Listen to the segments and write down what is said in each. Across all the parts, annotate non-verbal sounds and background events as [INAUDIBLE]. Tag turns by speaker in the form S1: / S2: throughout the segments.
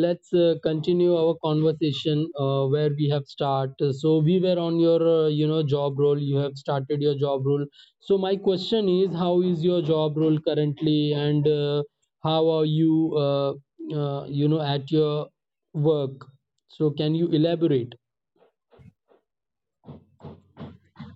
S1: let's continue our conversation where we have start. So, we were on your, job role. You have started your job role. So, my question is, how is your job role currently, and how are you, at your work? So, can you elaborate?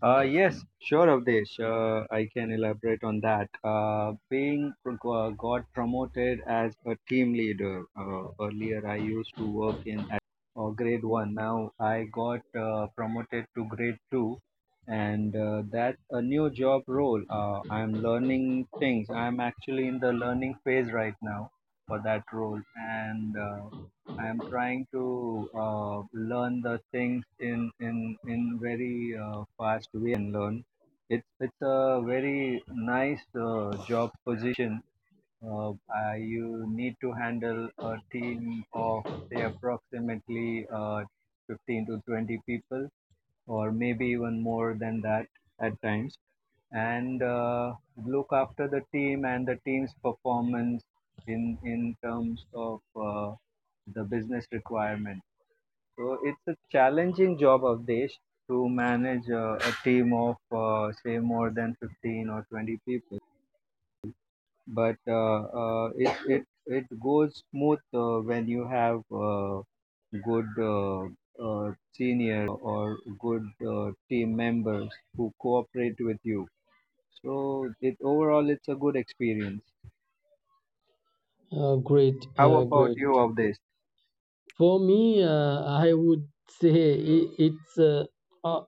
S2: Yes, sure, Avdesh. I can elaborate on that. Got promoted as a team leader. Earlier, I used to work in at or grade one. Now I got promoted to grade two, and that's a new job role. I'm learning things. I'm actually in the learning phase right now for that role, and I'm trying to learn the things in very fast way can learn. It's a very nice job position. You need to handle a team of say approximately 15 to 20 people or maybe even more than that at times, and look after the team and the team's performance in terms of the business requirement. So it's a challenging job, of Desh, to manage a team of say more than 15 or 20 people. But it goes smooth when you have good seniors or good team members who cooperate with you. So it overall it's a good experience.
S1: Great,
S2: How about
S1: great.
S2: you, Avdesh?
S1: For me, I would say i- it's uh, uh,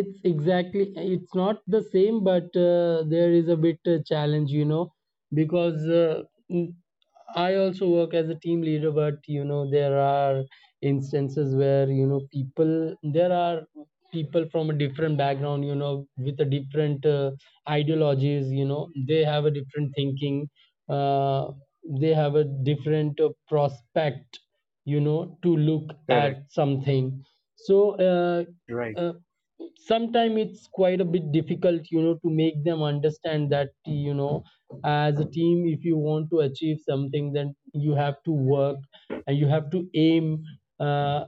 S1: it's exactly it's not the same, but there is a bit challenge, you know, because mm, I also work as a team leader, but you know there are instances where you know people there are people from a different background, you know, with a different ideologies, you know, they have a different thinking, uh, they have a different prospect, you know, to look
S2: Correct.
S1: at something. So
S2: Right.
S1: uh, sometimes it's quite a bit difficult, you know, to make them understand that, you know, as a team if you want to achieve something, then you have to work and you have to aim uh,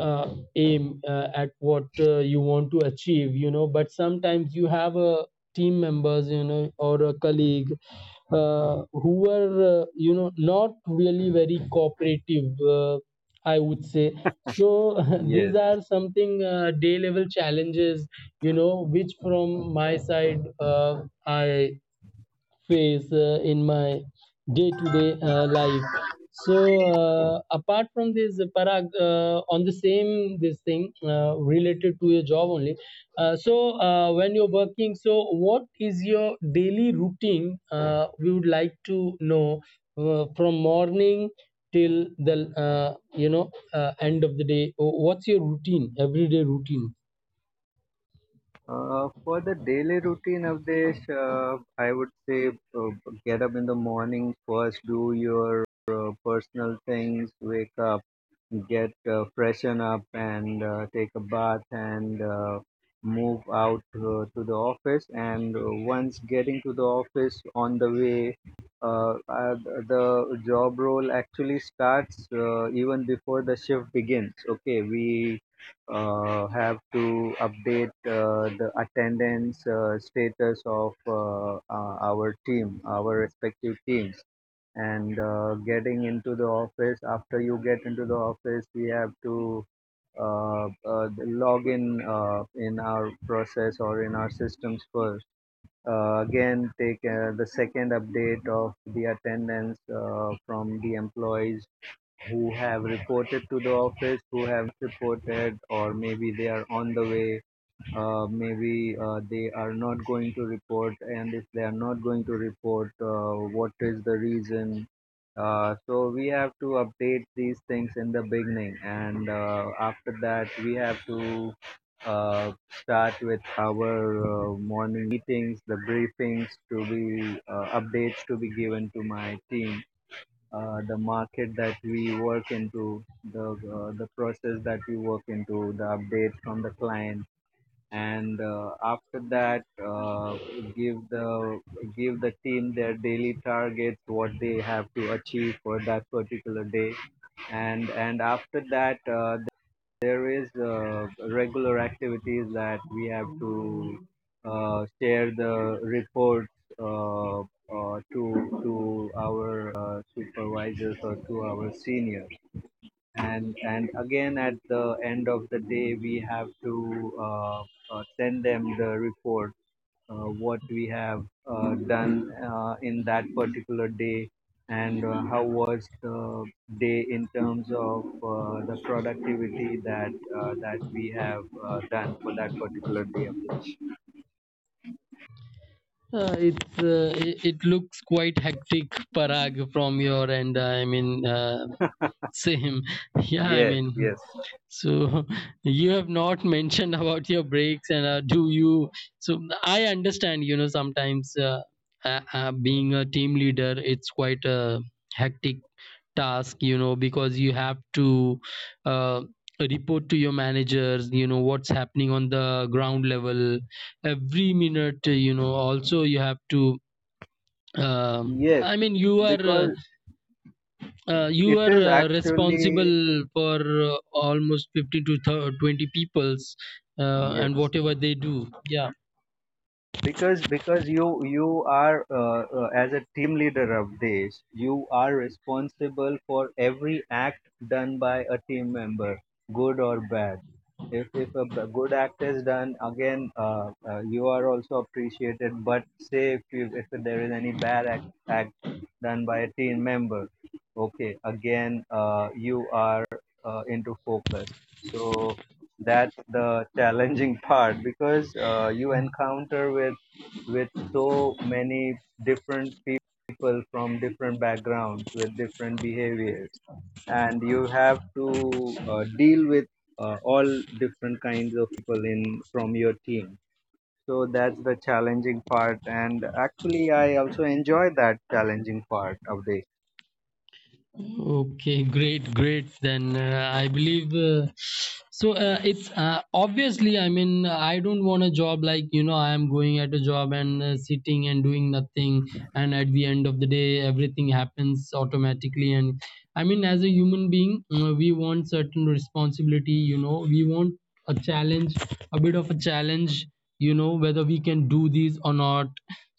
S1: uh, aim at what you want to achieve, you know. But sometimes you have a team members, you know, or a colleague who were, not really very cooperative, uh, I would say. So [LAUGHS] these
S2: Yes.
S1: are something, day level challenges, you know, which from my side I face in my day-to-day life. So apart from this, Parag, on the same this thing, related to your job only. So when you're working, so what is your daily routine? We would like to know, from morning till the, end of the day, what's your routine, everyday routine?
S2: For the daily routine, Avdesh, I would say get up in the morning first, do your personal things, wake up. Get freshen up and take a bath and move out to the office. And once getting to the office, on the way uh, uh, the job role actually starts even before the shift begins. Okay, we have to update the attendance status of our team, our respective teams. And getting into the office, after you get into the office, we have to log in our process or in our systems first. Again take the second update of the attendance from the employees who have reported to the office, who have reported, or maybe they are on the way, maybe they are not going to report. And if they are not going to report, what is the reason. So we have to update these things in the beginning. And after that we have to start with our morning meetings, the briefings to be updates to be given to my team, the market that we work into, the process that we work into, the updates from the client. And after that give the give the team their daily targets, what they have to achieve for that particular day. And after that there is regular activities that we have to share the reports to our supervisors or to our seniors. And again at the end of the day we have to send them the report, what we have done in that particular day, and how was the day in terms of the productivity that we have done for that particular day.
S1: It's it looks quite hectic, Parag, from your end. I mean, same. [LAUGHS] Yeah, I
S2: Yes,
S1: mean,
S2: yes,
S1: so [LAUGHS] you have not [LAUGHS] mentioned about your breaks and do you? So I understand, you know, sometimes being a team leader, it's quite a hectic task, you know, because you have to uh, report to your managers, you know, what's happening on the ground level every minute, you know. Also, you have to, um
S2: yes,
S1: I mean, you are.
S2: because
S1: You
S2: it
S1: are
S2: is actually
S1: responsible for almost 15 to 20 peoples,
S2: yes.
S1: and whatever they do. Yeah.
S2: Because you are as a team leader of this, you are responsible for every act done by a team member, good or bad. If a good act is done, again, you are also appreciated. But say if there is any bad act done by a team member, okay, again you are into focus. So that's the challenging [LAUGHS] part, because you encounter with so many different people from different backgrounds with different behaviors. And you have to deal with all different kinds of people in from your team. So that's the challenging part, and actually I also enjoy that challenging part of
S1: Okay, great, great. Then I believe, so. It's obviously, I mean, I don't want a job like, you know, I am going at a job and sitting and doing nothing, and at the end of the day, everything happens automatically. And I mean, as a human being, we want certain responsibility, you know, we want a challenge, a bit of a challenge, you know, whether we can do these or not.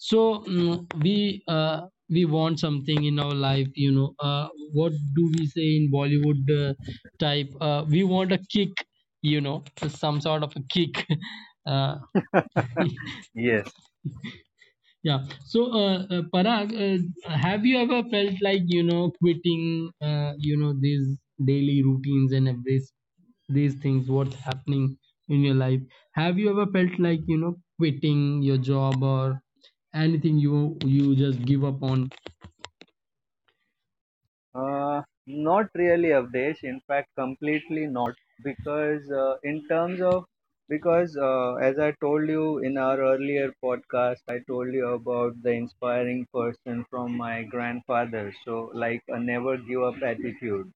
S1: So we, we want something in our life, you know. What do we say in Bollywood, type, we want a kick, you know, some sort of a kick. [LAUGHS] uh,
S2: this. [LAUGHS] Yes.
S1: yeah. So Parag, have you ever felt like, you know, quitting, these daily routines and this, these things, what's happening in your life? Have you ever felt like, you know, quitting your job or anything, you, just give up on?
S2: Uh, not really updates. In fact, completely not, because in terms of, because as I told you in our earlier podcast, I told you about the inspiring person from my grandfather. So like a never give up attitude.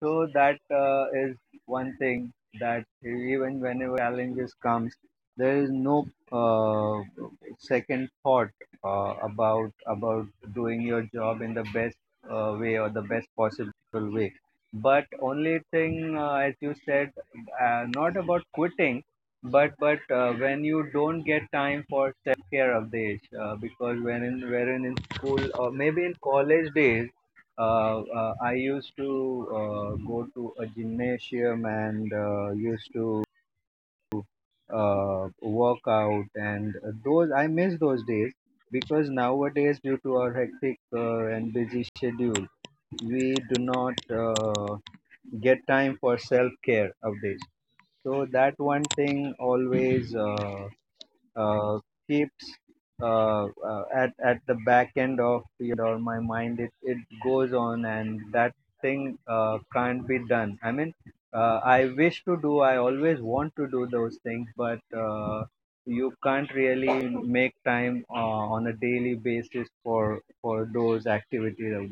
S2: So that is one thing, that even whenever challenges comes, there is no uh, second thought about doing your job in the best way or the best possible way. But only thing, as you said, not about quitting, but when you don't get time for self care of days, because when in wherein in school or maybe in college days I used to go to a gymnasium, and used to work out. And those I miss those days, because nowadays, due to our hectic and busy schedule, we do not get time for self care nowadays. So that one thing always uh, keeps at the back end of your or my mind. It goes on, and that thing can't be done. I mean, I wish to do, I always want to do those things, but uh, you can't really make time on a daily basis for those activities of.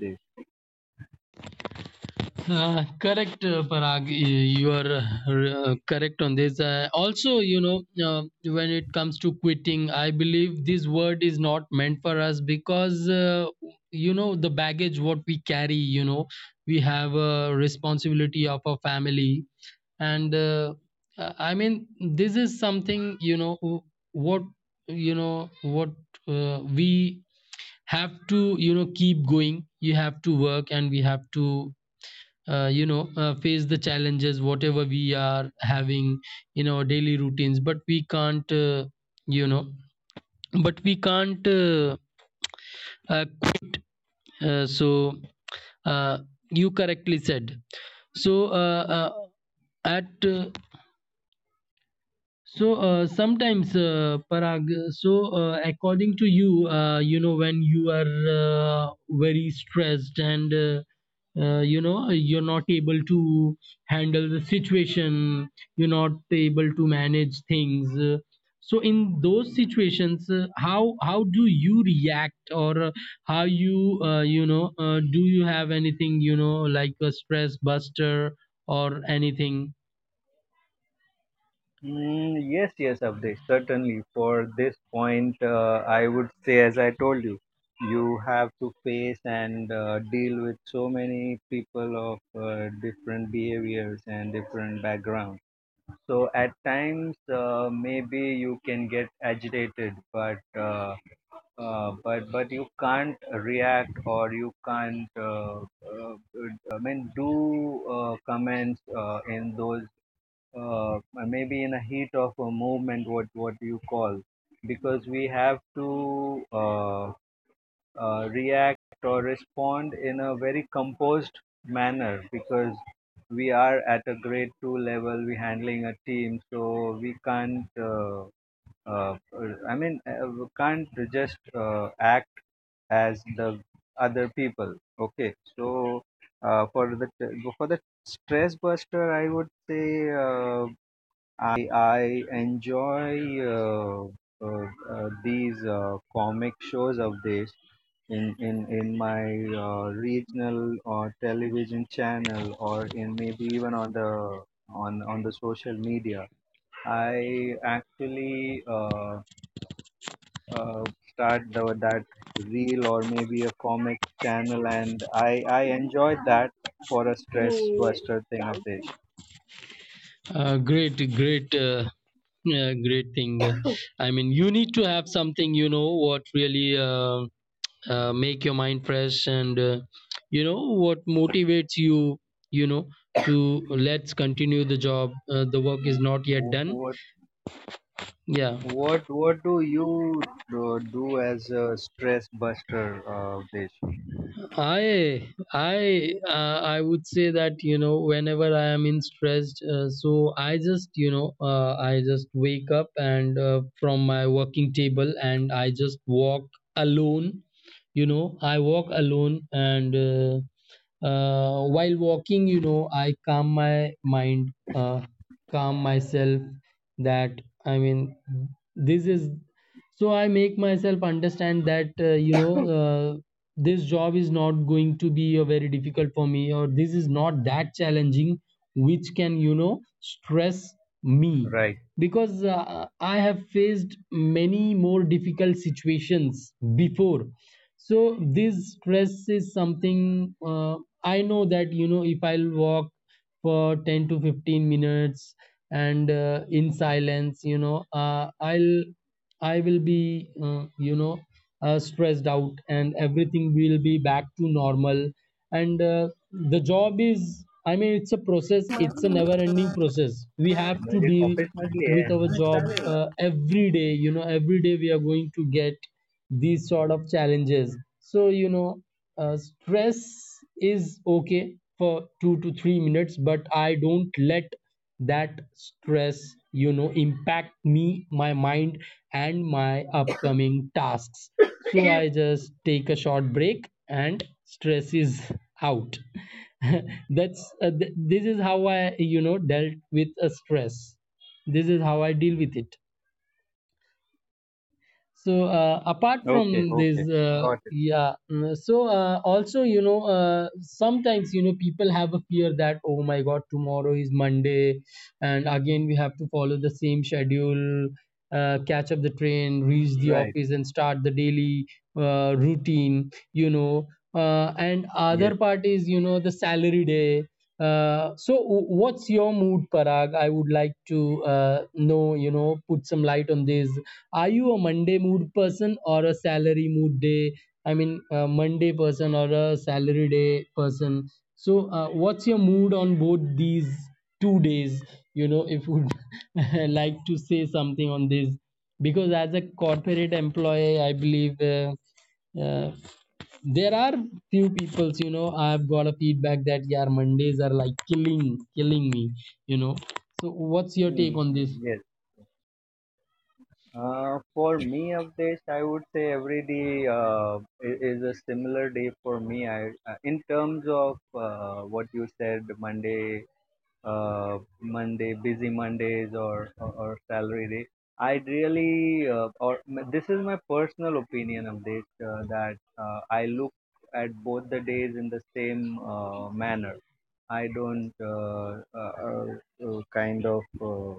S1: Correct, Parag. You are correct on this. Also, you know, when it comes to quitting, I believe this word is not meant for us because, you know, the baggage what we carry, you know, we have a responsibility of our family. And I mean, this is something, you know, what, you know, what we have to, you know, keep going. You have to work and we have to, face the challenges whatever we are having in our daily routines. But we can't, you know but we can't, quit. Uh, so uh, you correctly said. So at So sometimes, Parag, so according to you, you know, when you are very stressed and you know, you're not able to handle the situation, you're not able to manage things. So in those situations, how, do you react, or how you, you know do you have anything, you know, like a stress buster or anything?
S2: Mm, yes, yes, Abdesh, certainly. For this point, I would say, as I told you, you have to face and deal with so many people of different behaviors and different backgrounds. So at times, maybe you can get agitated, but you can't react or you can't. I mean, do comments in those, maybe in a heat of a movement, what you call, because we have to react or respond in a very composed manner, because we are at a grade two level, we handling a team, so we can't. Uh, I mean, we can't just act as the other people. Okay, so uh, for the for the stress buster, I would say. I enjoy these comic shows of this in my regional or television channel, or in maybe even on the social media. I actually uh, start that reel or maybe a comic channel, and I enjoyed that for a stress buster thing of this.
S1: Great, great, great thing. I mean, you need to have something, you know, what really make your mind fresh, and you know what motivates you, you know, to, let's continue the job. The work is
S2: Wh-
S1: not yet
S2: wh-
S1: done.
S2: What
S1: Yeah.
S2: what do you do, as a stress buster, Desh?
S1: I would say that, you know, whenever I am in stressed, so I just, I just wake up and from my working table and I just walk alone. You know, I walk alone and while walking, you know, I calm my mind, calm myself. That I mean, this is, I make myself understand that, this job is not going to be a very difficult for me, or this is not that challenging which can, you know, stress me
S2: Right.
S1: because I have faced many more difficult situations before. So this stress is something, I know that, you know, if I'll walk for 10 to 15 minutes and in silence, I will be, stressed out and everything will be back to normal. And the job is, I mean, it's a process, it's a never ending process. We have to
S2: मुझे
S1: deal
S2: office में भी
S1: with our
S2: हाँ,
S1: job
S2: चालेल ना.
S1: every day, you know, every day we are going to get these sort of challenges. So, you know, stress is okay for 2 to 3 minutes, but I don't let that stress, you know, impact me, my mind and my upcoming tasks. So I just take a short break and stress is out. [LAUGHS] That's this is how I, you know, dealt with a stress. This is how I deal with it. So apart
S2: Okay.
S1: from this,
S2: Okay. Got it.
S1: so also, you know, sometimes, you know, people have a fear that, oh my god, tomorrow is Monday and again we have to follow the same schedule, catch up the train, reach the
S2: Right.
S1: office and start the daily routine, you know. And
S2: Yes.
S1: other part is, you know, the salary day. So what's your mood, Parag? I would like to know, you know, put some light on this. Are you a Monday mood person or a salary mood day? I mean, a Monday person or a salary day person. So, what's your mood on both these 2 days? You know, if you would [LAUGHS] like to say something on this, because as a corporate employee, I believe uh, there are few peoples. You know, I've got a feedback that, yeah, Mondays are like killing, killing me. You know, so what's your take
S2: hmm,
S1: on this?
S2: Hmm. Yes. For me, Avdesh, I would say every day is a similar day for me. I, in terms of what you said, Monday, busy Mondays or salary day. I really, this is my personal opinion of this, that I look at both the days in the same manner. I don't kind of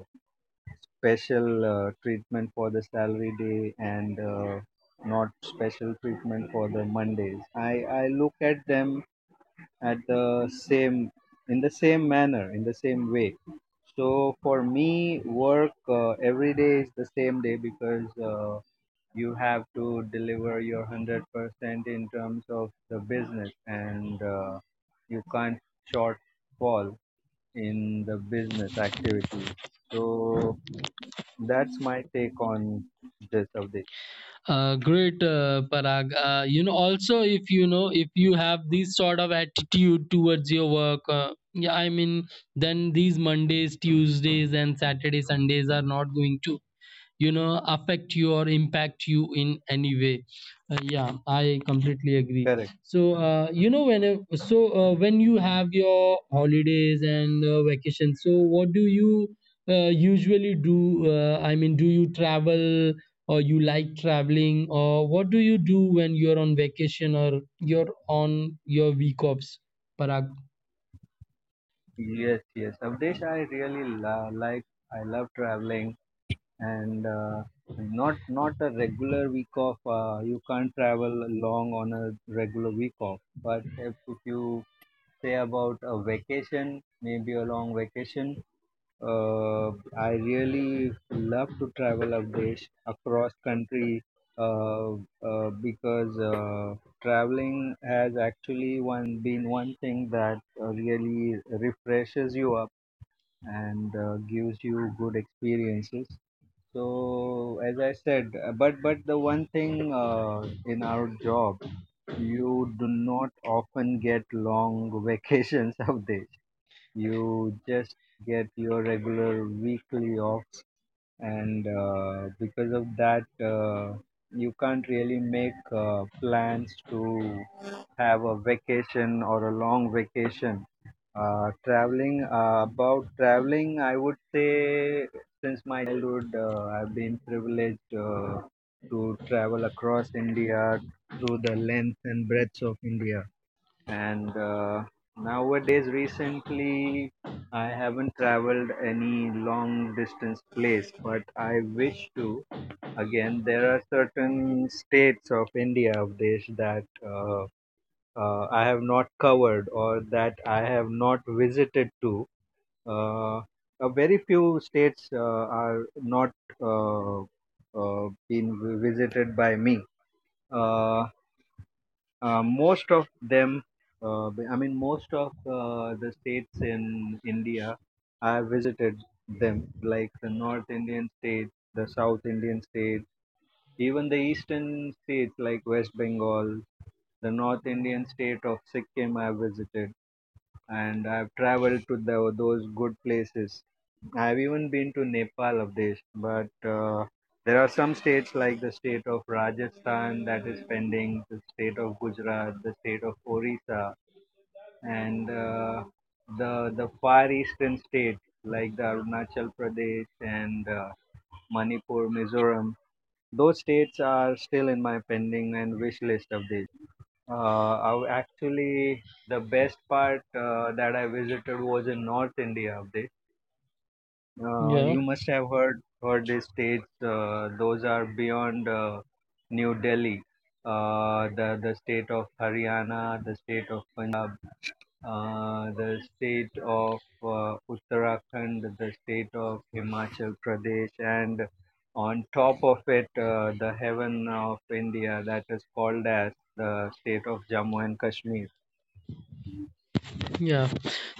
S2: special treatment for the salary day, and not special treatment for the Mondays. I look at them at the same, in the same manner, in the same way. So for me, work every day is the same day, because you have to deliver your 100% in terms of the business, and you can't shortfall in the business activities. So that's my take on this, Avdesh.
S1: Great, Parag. You know, also if you know if you have this sort of attitude towards your work, yeah, I mean, then these Mondays, Tuesdays, and Saturday, Sundays are not going to, you know, affect you or impact you in any way. Yeah, I completely agree.
S2: Correct.
S1: So, when you have your holidays and vacations, so what do you usually do? I mean, do you travel, or you like traveling, or what do you do when you're on vacation or you're on your week offs, Parag?
S2: Yes, yes. Avdesh, I really like, I love traveling. And not a regular week off. You can't travel long on a regular week off. But if you say about a vacation, maybe a long vacation, uh, I really love to travel updates across country, uh, because traveling has actually one been one thing that really refreshes you up and gives you good experiences. So as I said, but the one thing, in our job, you do not often get long [LAUGHS] vacations of this. You just get your regular weekly offs, and because of that, uh, you can't really make plans to have a vacation or a long vacation. About traveling, I would say since my childhood, I've been privileged to travel across India through the length and breadth of India. And nowadays, recently, I haven't traveled any long distance place, but I wish to. Again, there are certain states of India, of Desh, that I have not covered or that I have not visited to. Uh, very few states are not been visited by me. Uh, most of them, I mean, most of the states in India, I have visited them, like the North Indian states, the South Indian states, even the Eastern states like West Bengal. The North Indian state of Sikkim I have visited, and I've traveled to those good places. I've even been to Nepal of this, but there are some states like the state of Rajasthan that is pending, the state of Gujarat, the state of Orissa, and the far eastern states like the Arunachal Pradesh and Manipur, Mizoram. Those states are still in my pending and wish list of this. I actually the best part that I visited was in North India. Abdesh.
S1: Yeah.
S2: You must have heard these states. Those are beyond New Delhi, the state of Haryana, the state of Punjab, the state of Uttarakhand, the state of Himachal Pradesh, and on top of it, the heaven of India that is called as the state of Jammu and Kashmir.
S1: Yeah.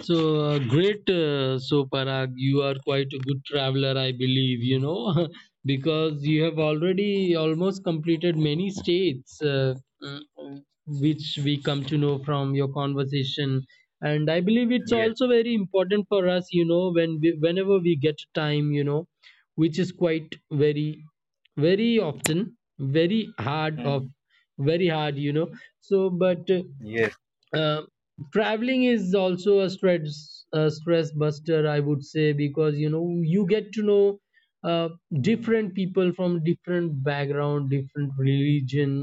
S1: So great. So Parag, you are quite a good traveler, I believe. You know, [LAUGHS] because you have already almost completed many states, mm, which we come to know from your conversation. And I believe it's
S2: Yes.
S1: also very important for us. You know, when we, whenever we get time, you know, which is quite very, very often, very hard of,
S2: Mm.
S1: very hard. You know. So, but.
S2: Yes.
S1: Uh, Traveling is also a stress, buster, I would say, because you know you get to know uh, different people from different background, different religion,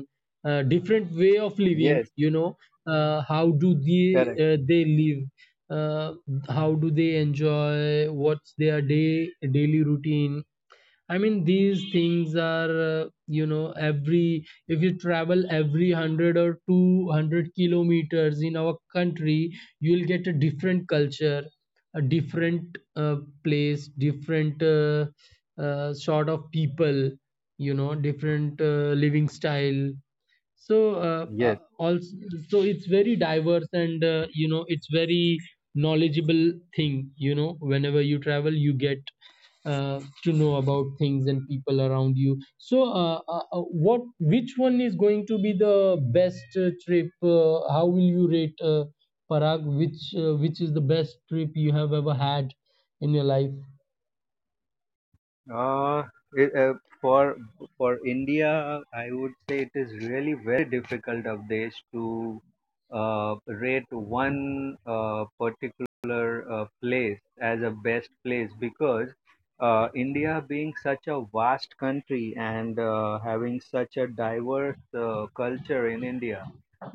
S1: different way of living,
S2: Yes.
S1: you know, how do
S2: Correct.
S1: they live, uh, how do they enjoy, what's their day, daily routine. I mean, these things are, you know, every, if you travel every 100 or 200 kilometers in our country, you'll get a different culture, a different place, different sort of people, you know, different living style. So
S2: Yes.
S1: also so it's very diverse and you know, it's very knowledgeable thing, you know, whenever you travel you get to know about things and people around you. So what, which one is going to be the best trip? How will you rate, Parag, which, which is the best trip you have ever had in your life?
S2: Uh, it, for for India, I would say it is really very difficult of this to rate one particular place as a best place because India being such a vast country and having such a diverse culture in India.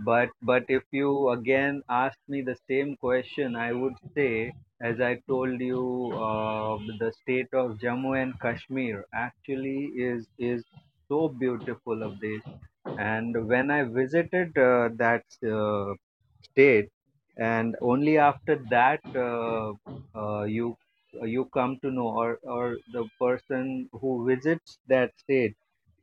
S2: But if you again ask me the same question, I would say, as I told you, the state of Jammu and Kashmir actually is so beautiful of the and when I visited that state, and only after that uh, you you come to know, or the person who visits that state,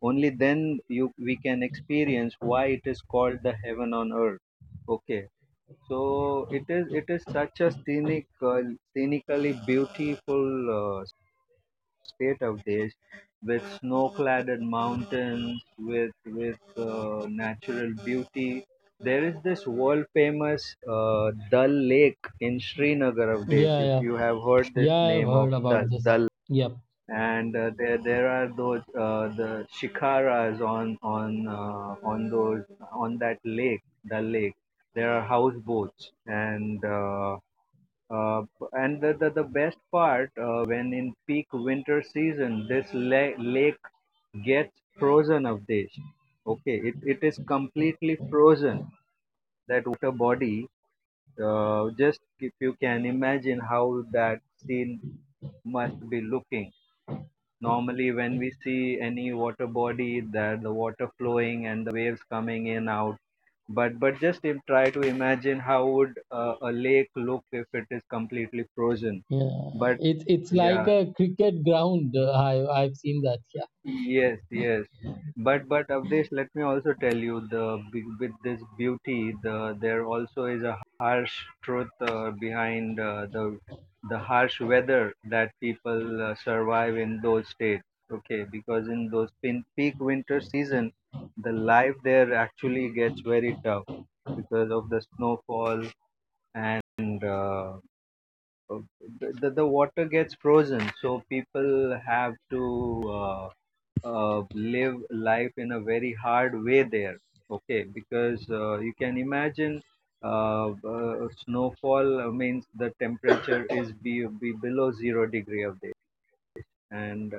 S2: only then you we can experience why it is called the heaven on earth. Okay, so it is such a scenical, scenically beautiful state of this, with snow-clad mountains, with natural beauty. There is this world-famous Dal Lake in Srinagar of this.
S1: Yeah.
S2: If
S1: Yeah.
S2: you have heard this
S1: Yeah. I've
S2: name of
S1: heard about
S2: Dal,
S1: this.
S2: Dal
S1: Yep.
S2: and there are those the shikaras on those on that lake the lake there are houseboats uh, and the best part when in peak winter season this lake gets frozen of this. Okay, it is completely frozen that water body. Just if you can imagine how that scene must be looking. Normally, when we see any water body, that the water flowing and waves coming in out. But try to imagine how would a lake look if it is completely frozen.
S1: Yeah,
S2: But
S1: it's like
S2: yeah,
S1: a cricket ground. I've seen that. Yeah,
S2: yes, yes. But Avdesh, let me also tell you the with this beauty, there also is a harsh truth behind the harsh weather that people survive in those states. Okay, because in those peak winter season, the life there actually gets very tough because of the snowfall and uh, the water gets frozen. So people have to. Uh, Live life in a very hard way there. Okay, because you can imagine snowfall means the temperature is be below zero degree of this, and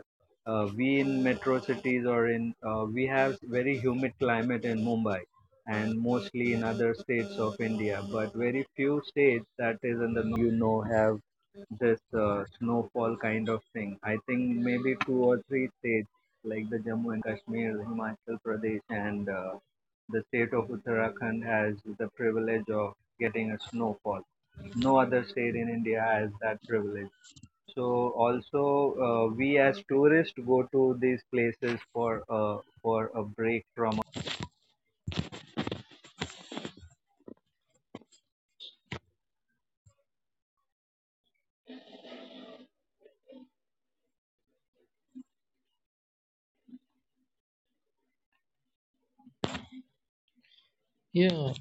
S2: we in metro cities or in we have very humid climate in Mumbai and mostly in other states of India, but very few states that is in the you know have this snowfall kind of thing. I think maybe two or three states like the Jammu and Kashmir, Himachal Pradesh, and the state of Uttarakhand has the privilege of getting a snowfall. No other state in India has that privilege. So also we as tourists go to these places for a break from
S1: yeah,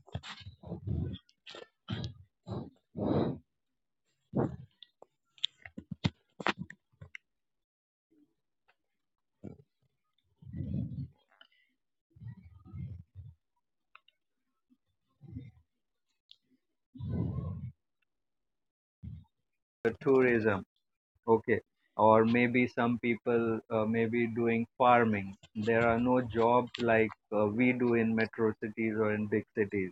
S2: tourism. Okay, or maybe some people may be doing farming. There are no jobs like we do in metro cities or in big cities.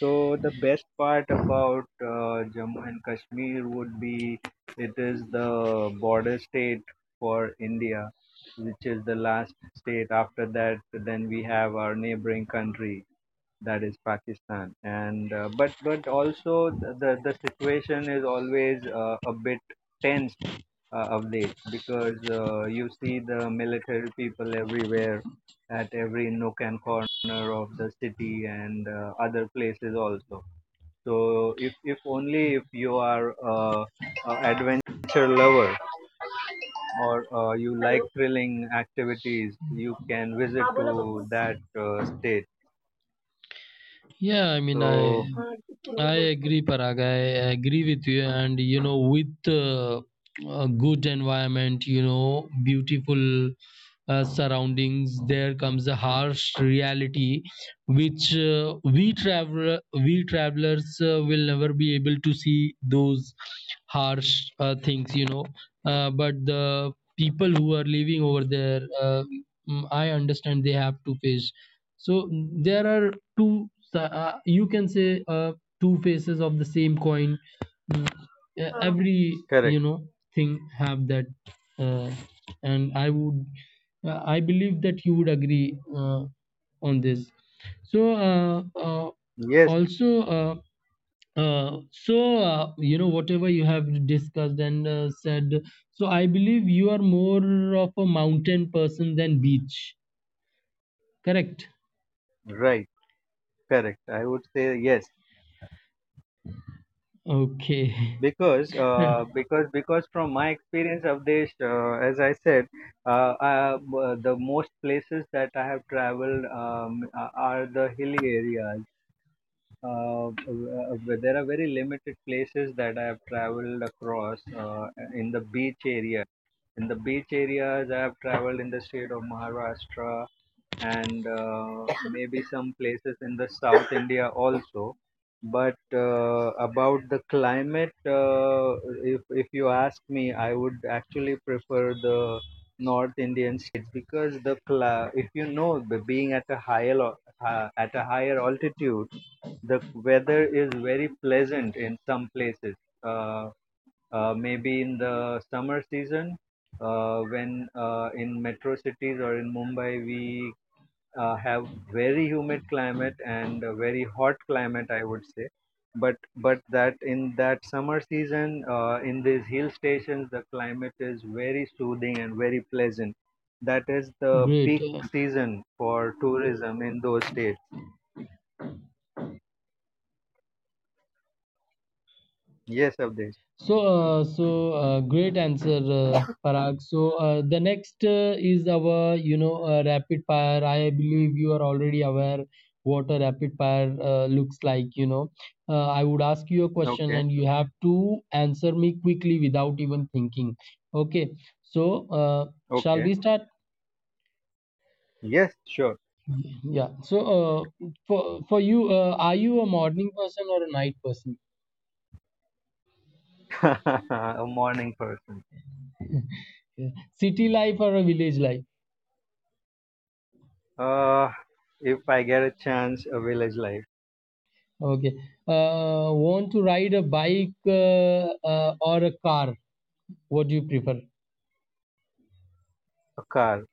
S2: So the best part about Jammu and Kashmir would be it is the border state for India, which is the last state, after that then we have our neighboring country, that is Pakistan. And but also the the situation is always a bit tense of late because you see the military people everywhere at every nook and corner of the city and other places also. So if you are a adventure lover or you like thrilling activities, you can visit to that state.
S1: yeah. I mean,
S2: So.
S1: I agree, Parag. I agree with you. And, you know, with a good environment, you know, beautiful surroundings, there comes a harsh reality which we travelers will never be able to see those harsh things, you know. But the people who are living over there, I understand they have to face. So there are two. You can say. Two faces of the same coin. Mm,
S2: Uh,
S1: Every,
S2: Correct.
S1: you know, thing have that, uh, and I would, I believe that you would agree on this. So
S2: Yes,
S1: also. You know, whatever you have discussed and said, so I believe you are more of a mountain person than beach, correct?
S2: right. Correct. I would say yes
S1: Okay.
S2: because because from my experience of this, as I said, the most places that I have traveled are the hilly areas. There are very limited places that I have traveled across in the beach areas. In the beach areas, I have traveled in the state of Maharashtra, and [LAUGHS] maybe some places in the South India also. But about the climate, if you ask me, I would actually prefer the North Indian states because the cla if you know, the being at a higher at a higher altitude, the weather is very pleasant in some places. Uh, Maybe in the summer season, when in metro cities or in Mumbai, we have very humid climate and a very hot climate, I would say. But that in that summer season, in these hill stations, the climate is very soothing and very pleasant. That is
S1: [LAUGHS]
S2: the
S1: Great.
S2: peak
S1: Uh,
S2: season for tourism in those states. Yes, Abdesh.
S1: So, uh, so uh, great answer, Parag. So, the next is our, you know, rapid fire. I believe you are already aware what a rapid fire looks like. You know, I would ask you a question
S2: Okay,
S1: and you have to answer me quickly without even thinking. Okay. So, shall
S2: okay.
S1: we start?
S2: Yes, sure.
S1: Yeah. So, for you, are you a morning person or a night person?
S2: [LAUGHS] A morning person.
S1: Yeah. City life or a village life?
S2: Uh, if I get a chance, a village life,
S1: Okay. Want to ride a bike or a car? What do you prefer?
S2: a car,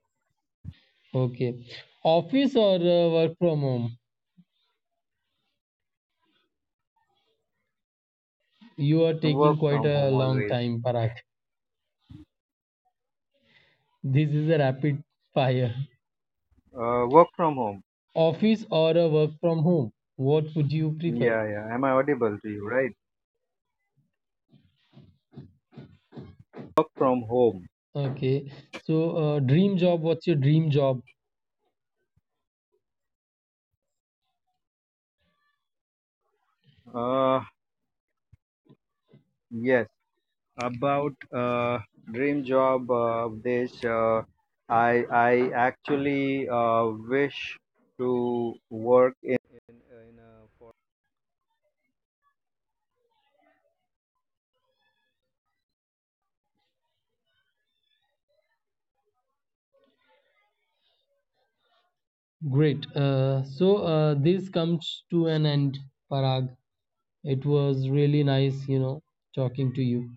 S1: Okay. Office or work from home? You are taking
S2: work
S1: quite
S2: from
S1: a
S2: home
S1: long
S2: always.
S1: time, Parag. This is a rapid fire.
S2: Work from home.
S1: Office or a work from home? What would you prefer?
S2: Yeah, yeah. Am I audible to you, right? From home.
S1: Okay. So, dream job, what's your dream job?
S2: Uh, yes. About dream job, Desh, I actually wish to work in in a
S1: Great. So, this comes to an end, Parag. It was really nice, you know, talking to you.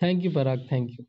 S1: Thank you, Parag. Thank you.